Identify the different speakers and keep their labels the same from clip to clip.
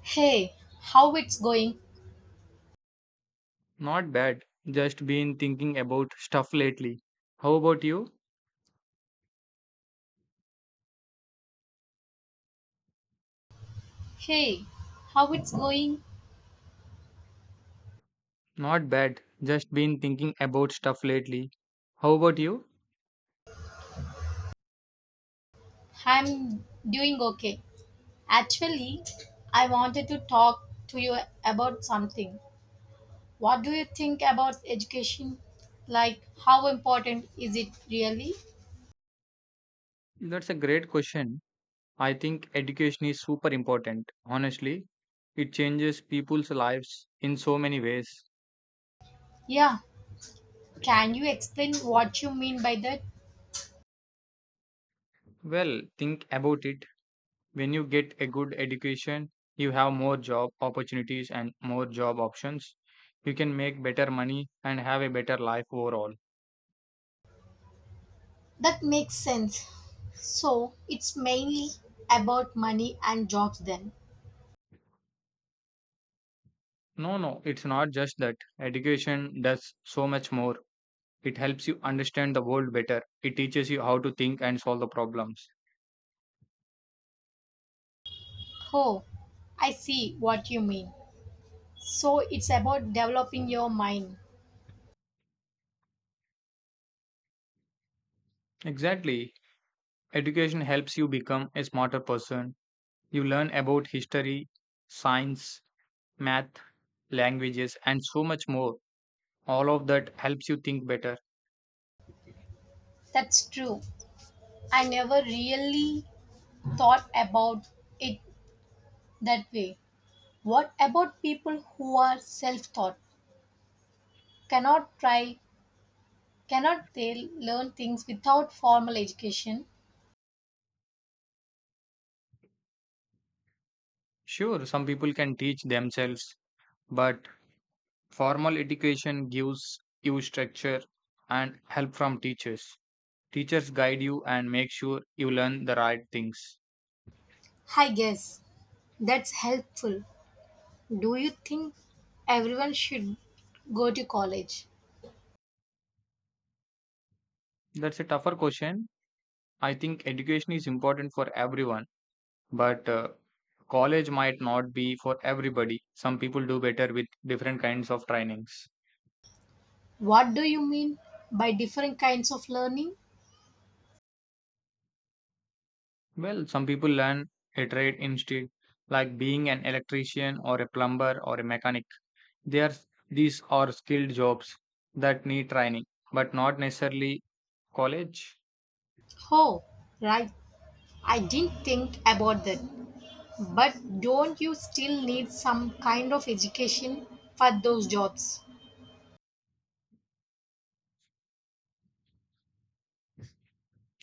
Speaker 1: Hey, how it's going?
Speaker 2: Not bad. Just been thinking about stuff lately. How about you?
Speaker 1: Hey, how it's going?
Speaker 2: Not bad. Just been thinking about stuff lately. How about you?
Speaker 1: I'm doing okay. Actually, I wanted to talk to you about something. What do you think about education? Like, how important is it really?
Speaker 2: That's a great question. I think education is super important. Honestly, it changes people's lives in so many ways.
Speaker 1: Yeah, can you explain what you mean by that?
Speaker 2: Well, think about it. When you get a good education, you have more job opportunities and more job options. You can make better money and have a better life overall.
Speaker 1: That makes sense. So, it's mainly about money and jobs then.
Speaker 2: No, no, it's not just that. Education does so much more. It helps you understand the world better. It teaches you how to think and solve the problems.
Speaker 1: Oh, I see what you mean. So it's about developing your mind.
Speaker 2: Exactly. Education helps you become a smarter person. You learn about history, science, math, languages, and so much more. All of that helps you think better.
Speaker 1: That's true. I never really thought about it that way. What about people who are self taught? Cannot try, cannot they learn things without formal education?
Speaker 2: Sure, some people can teach themselves, but formal education gives you structure and help from teachers. Teachers guide you and make sure you learn the right things.
Speaker 1: I guess that's helpful. Do you think everyone should go to college?
Speaker 2: That's a tougher question. I think education is important for everyone, but college might not be for everybody. Some people do better with different kinds of trainings.
Speaker 1: What do you mean by different kinds of learning?
Speaker 2: Well, some people learn a trade instead, like being an electrician or a plumber or a mechanic. They are, these are skilled jobs that need training, but not necessarily college.
Speaker 1: Oh, right. I didn't think about that. But don't you still need some kind of education for those jobs?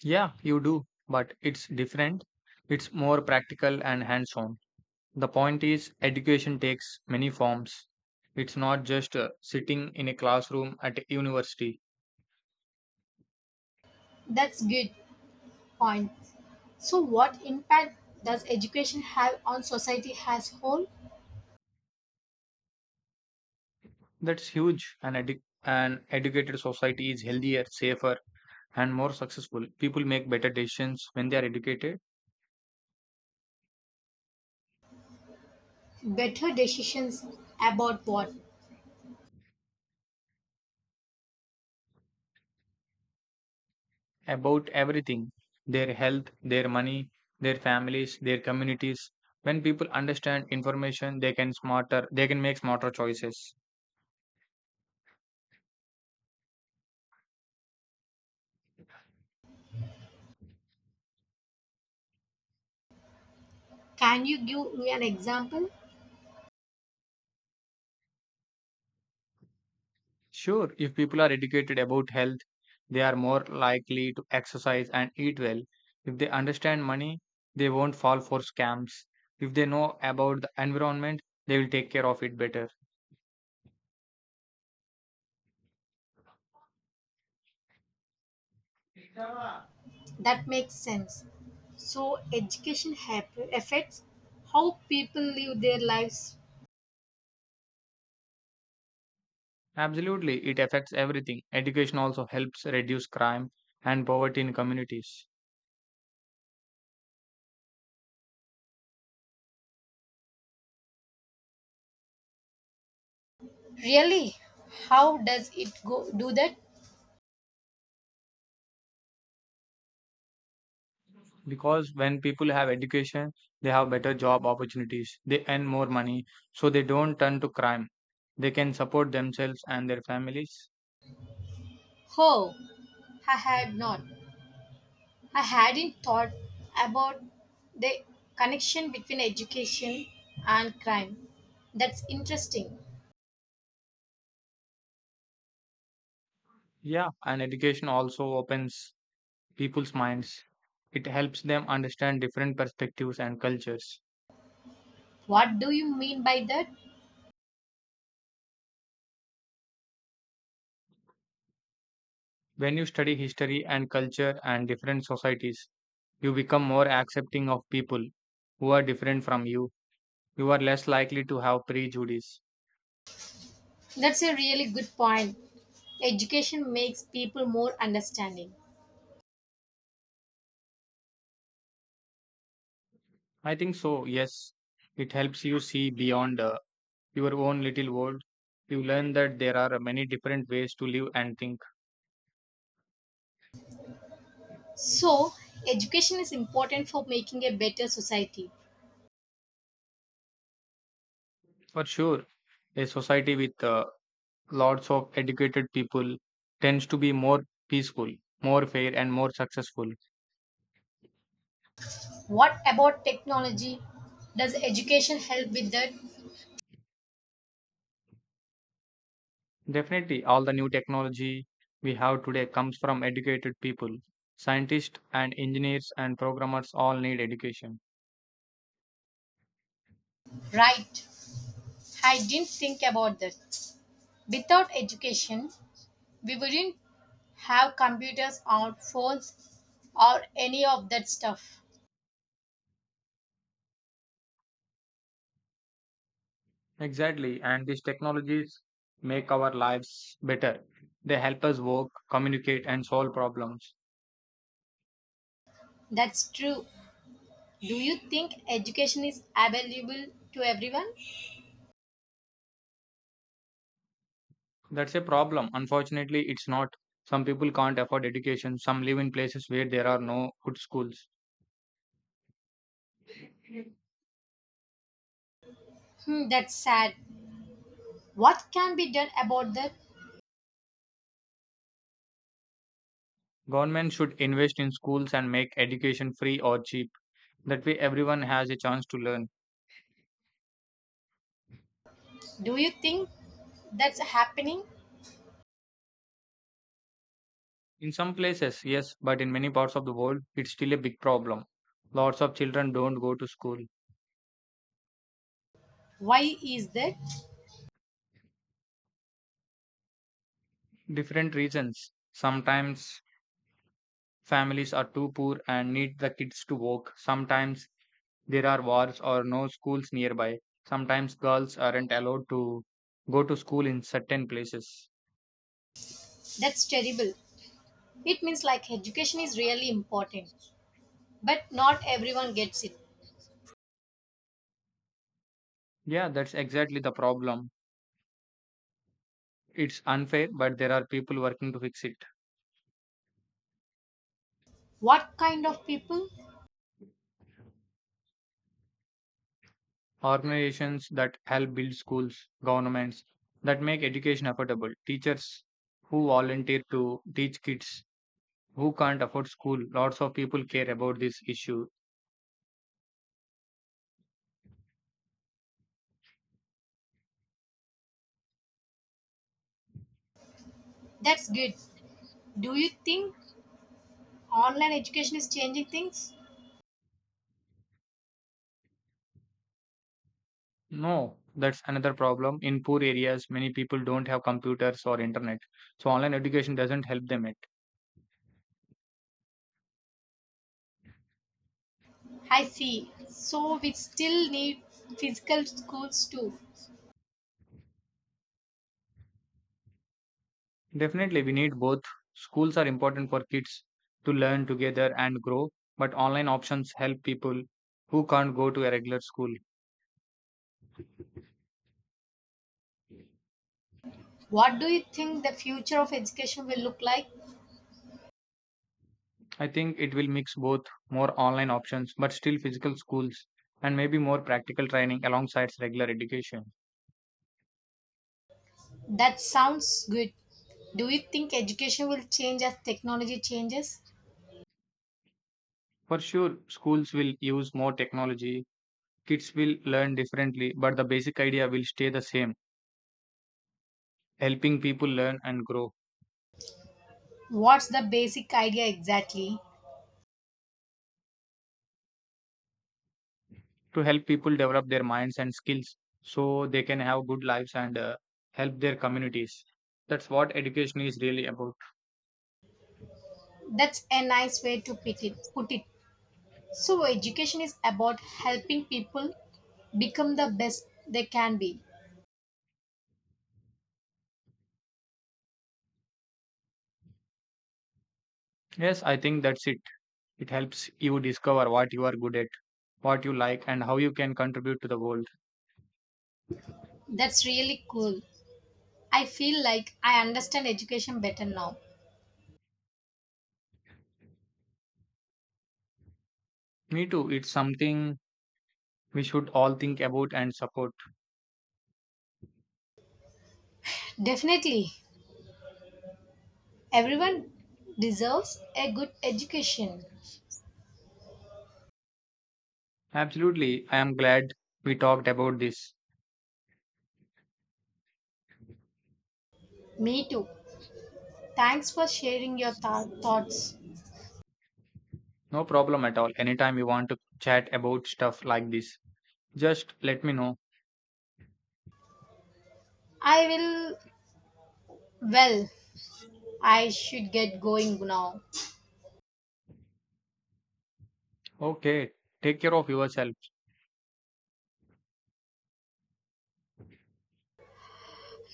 Speaker 2: Yeah, you do, but it's different. It's more practical and hands-on. The point is, education takes many forms. It's not just sitting in a classroom at a university.
Speaker 1: That's good point. So what impact does education have on society as whole?
Speaker 2: That's huge. An educated society is healthier, safer, and more successful. People make better decisions when they are educated
Speaker 1: Better decisions about what?
Speaker 2: about everything: their health, their money, their families, their communities. When people understand information, they can make smarter choices.
Speaker 1: Can you give me an example?
Speaker 2: Sure, if people are educated about health, they are more likely to exercise and eat well. If they understand money, they won't fall for scams. If they know about the environment, they will take care of it better.
Speaker 1: That makes sense. So education affects how people live their lives.
Speaker 2: Absolutely, it affects everything. Education also helps reduce crime and poverty in communities.
Speaker 1: Really? How does it go do that?
Speaker 2: Because when people have education, they have better job opportunities, they earn more money, so they don't turn to crime. They can support themselves and their families.
Speaker 1: How? I had not. I hadn't thought about the connection between education and crime. That's interesting.
Speaker 2: Yeah, and education also opens people's minds. It helps them understand different perspectives and cultures.
Speaker 1: What do you mean by that?
Speaker 2: When you study history and culture and different societies, you become more accepting of people who are different from you. You are less likely to have prejudice.
Speaker 1: That's a really good point. Education makes people more understanding.
Speaker 2: I think so, yes. It helps you see beyond your own little world. You learn that there are many different ways to live and think.
Speaker 1: So, education is important for making a better society.
Speaker 2: For sure, a society with lots of educated people tends to be more peaceful, more fair, and more successful.
Speaker 1: What about technology? Does education help with that?
Speaker 2: Definitely, all the new technology we have today comes from educated people: scientists and engineers and programmers all need education.
Speaker 1: Right. I didn't think about that. Without education, we wouldn't have computers or phones or any of that stuff.
Speaker 2: Exactly, and these technologies make our lives better. They help us work, communicate, and solve problems.
Speaker 1: That's true. Do you think education is available to everyone?
Speaker 2: That's a problem. Unfortunately, it's not. Some people can't afford education, some live in places where there are no good schools.
Speaker 1: Hmm, that's sad. What can be done about that?
Speaker 2: Government should invest in schools and make education free or cheap. That way, everyone has a chance to learn.
Speaker 1: Do you think that's happening?
Speaker 2: In some places, yes, but in many parts of the world, it's still a big problem. Lots of children don't go to school.
Speaker 1: Why is that?
Speaker 2: Different reasons. Sometimes families are too poor and need the kids to work. Sometimes there are wars or no schools nearby. Sometimes girls aren't allowed to go to school in certain places.
Speaker 1: That's terrible. It means like education is really important, but not everyone gets it.
Speaker 2: Yeah, that's exactly the problem. It's unfair, but there are people working to fix it.
Speaker 1: What kind of people?
Speaker 2: Organizations that help build schools, governments that make education affordable, teachers who volunteer to teach kids who can't afford school. Lots of people care about this issue.
Speaker 1: That's good. Do you think online education is changing things?
Speaker 2: No, that's another problem. In poor areas, many people don't have computers or internet, so online education doesn't help them it.
Speaker 1: I see. So we still need physical schools too.
Speaker 2: Definitely, we need both. Schools are important for kids to learn together and grow, but online options help people who can't go to a regular school.
Speaker 1: What do you think the future of education will look like?
Speaker 2: I think it will mix both: more online options but still physical schools, and maybe more practical training alongside regular education.
Speaker 1: That sounds good. Do you think education will change as technology changes?
Speaker 2: For sure, schools will use more technology, kids will learn differently, but the basic idea will stay the same: helping people learn and grow,
Speaker 1: What's the basic idea exactly?
Speaker 2: to help people develop their minds and skills so they can have good lives and help their communities. That's what education is really about.
Speaker 1: That's a nice way to put it. So education is about helping people become the best they can be.
Speaker 2: Yes, I think that's it. It helps you discover what you are good at, what you like, and how you can contribute to the world.
Speaker 1: That's really cool. I feel like I understand education better now.
Speaker 2: Me too. It's something we should all think about and support.
Speaker 1: Definitely, everyone deserves a good education.
Speaker 2: Absolutely. I am glad we talked about this.
Speaker 1: Me too. Thanks for sharing your thoughts.
Speaker 2: No problem at all. Anytime you want to chat about stuff like this, just let me know.
Speaker 1: I will, well, I should get going now.
Speaker 2: Okay. Take care of yourself.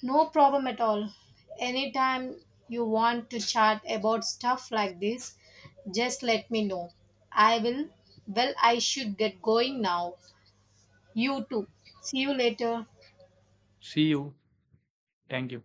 Speaker 1: No problem at all. Anytime you want to chat about stuff like this, just let me know. I will, I should get going now. You too. See you later.
Speaker 2: See you. Thank you.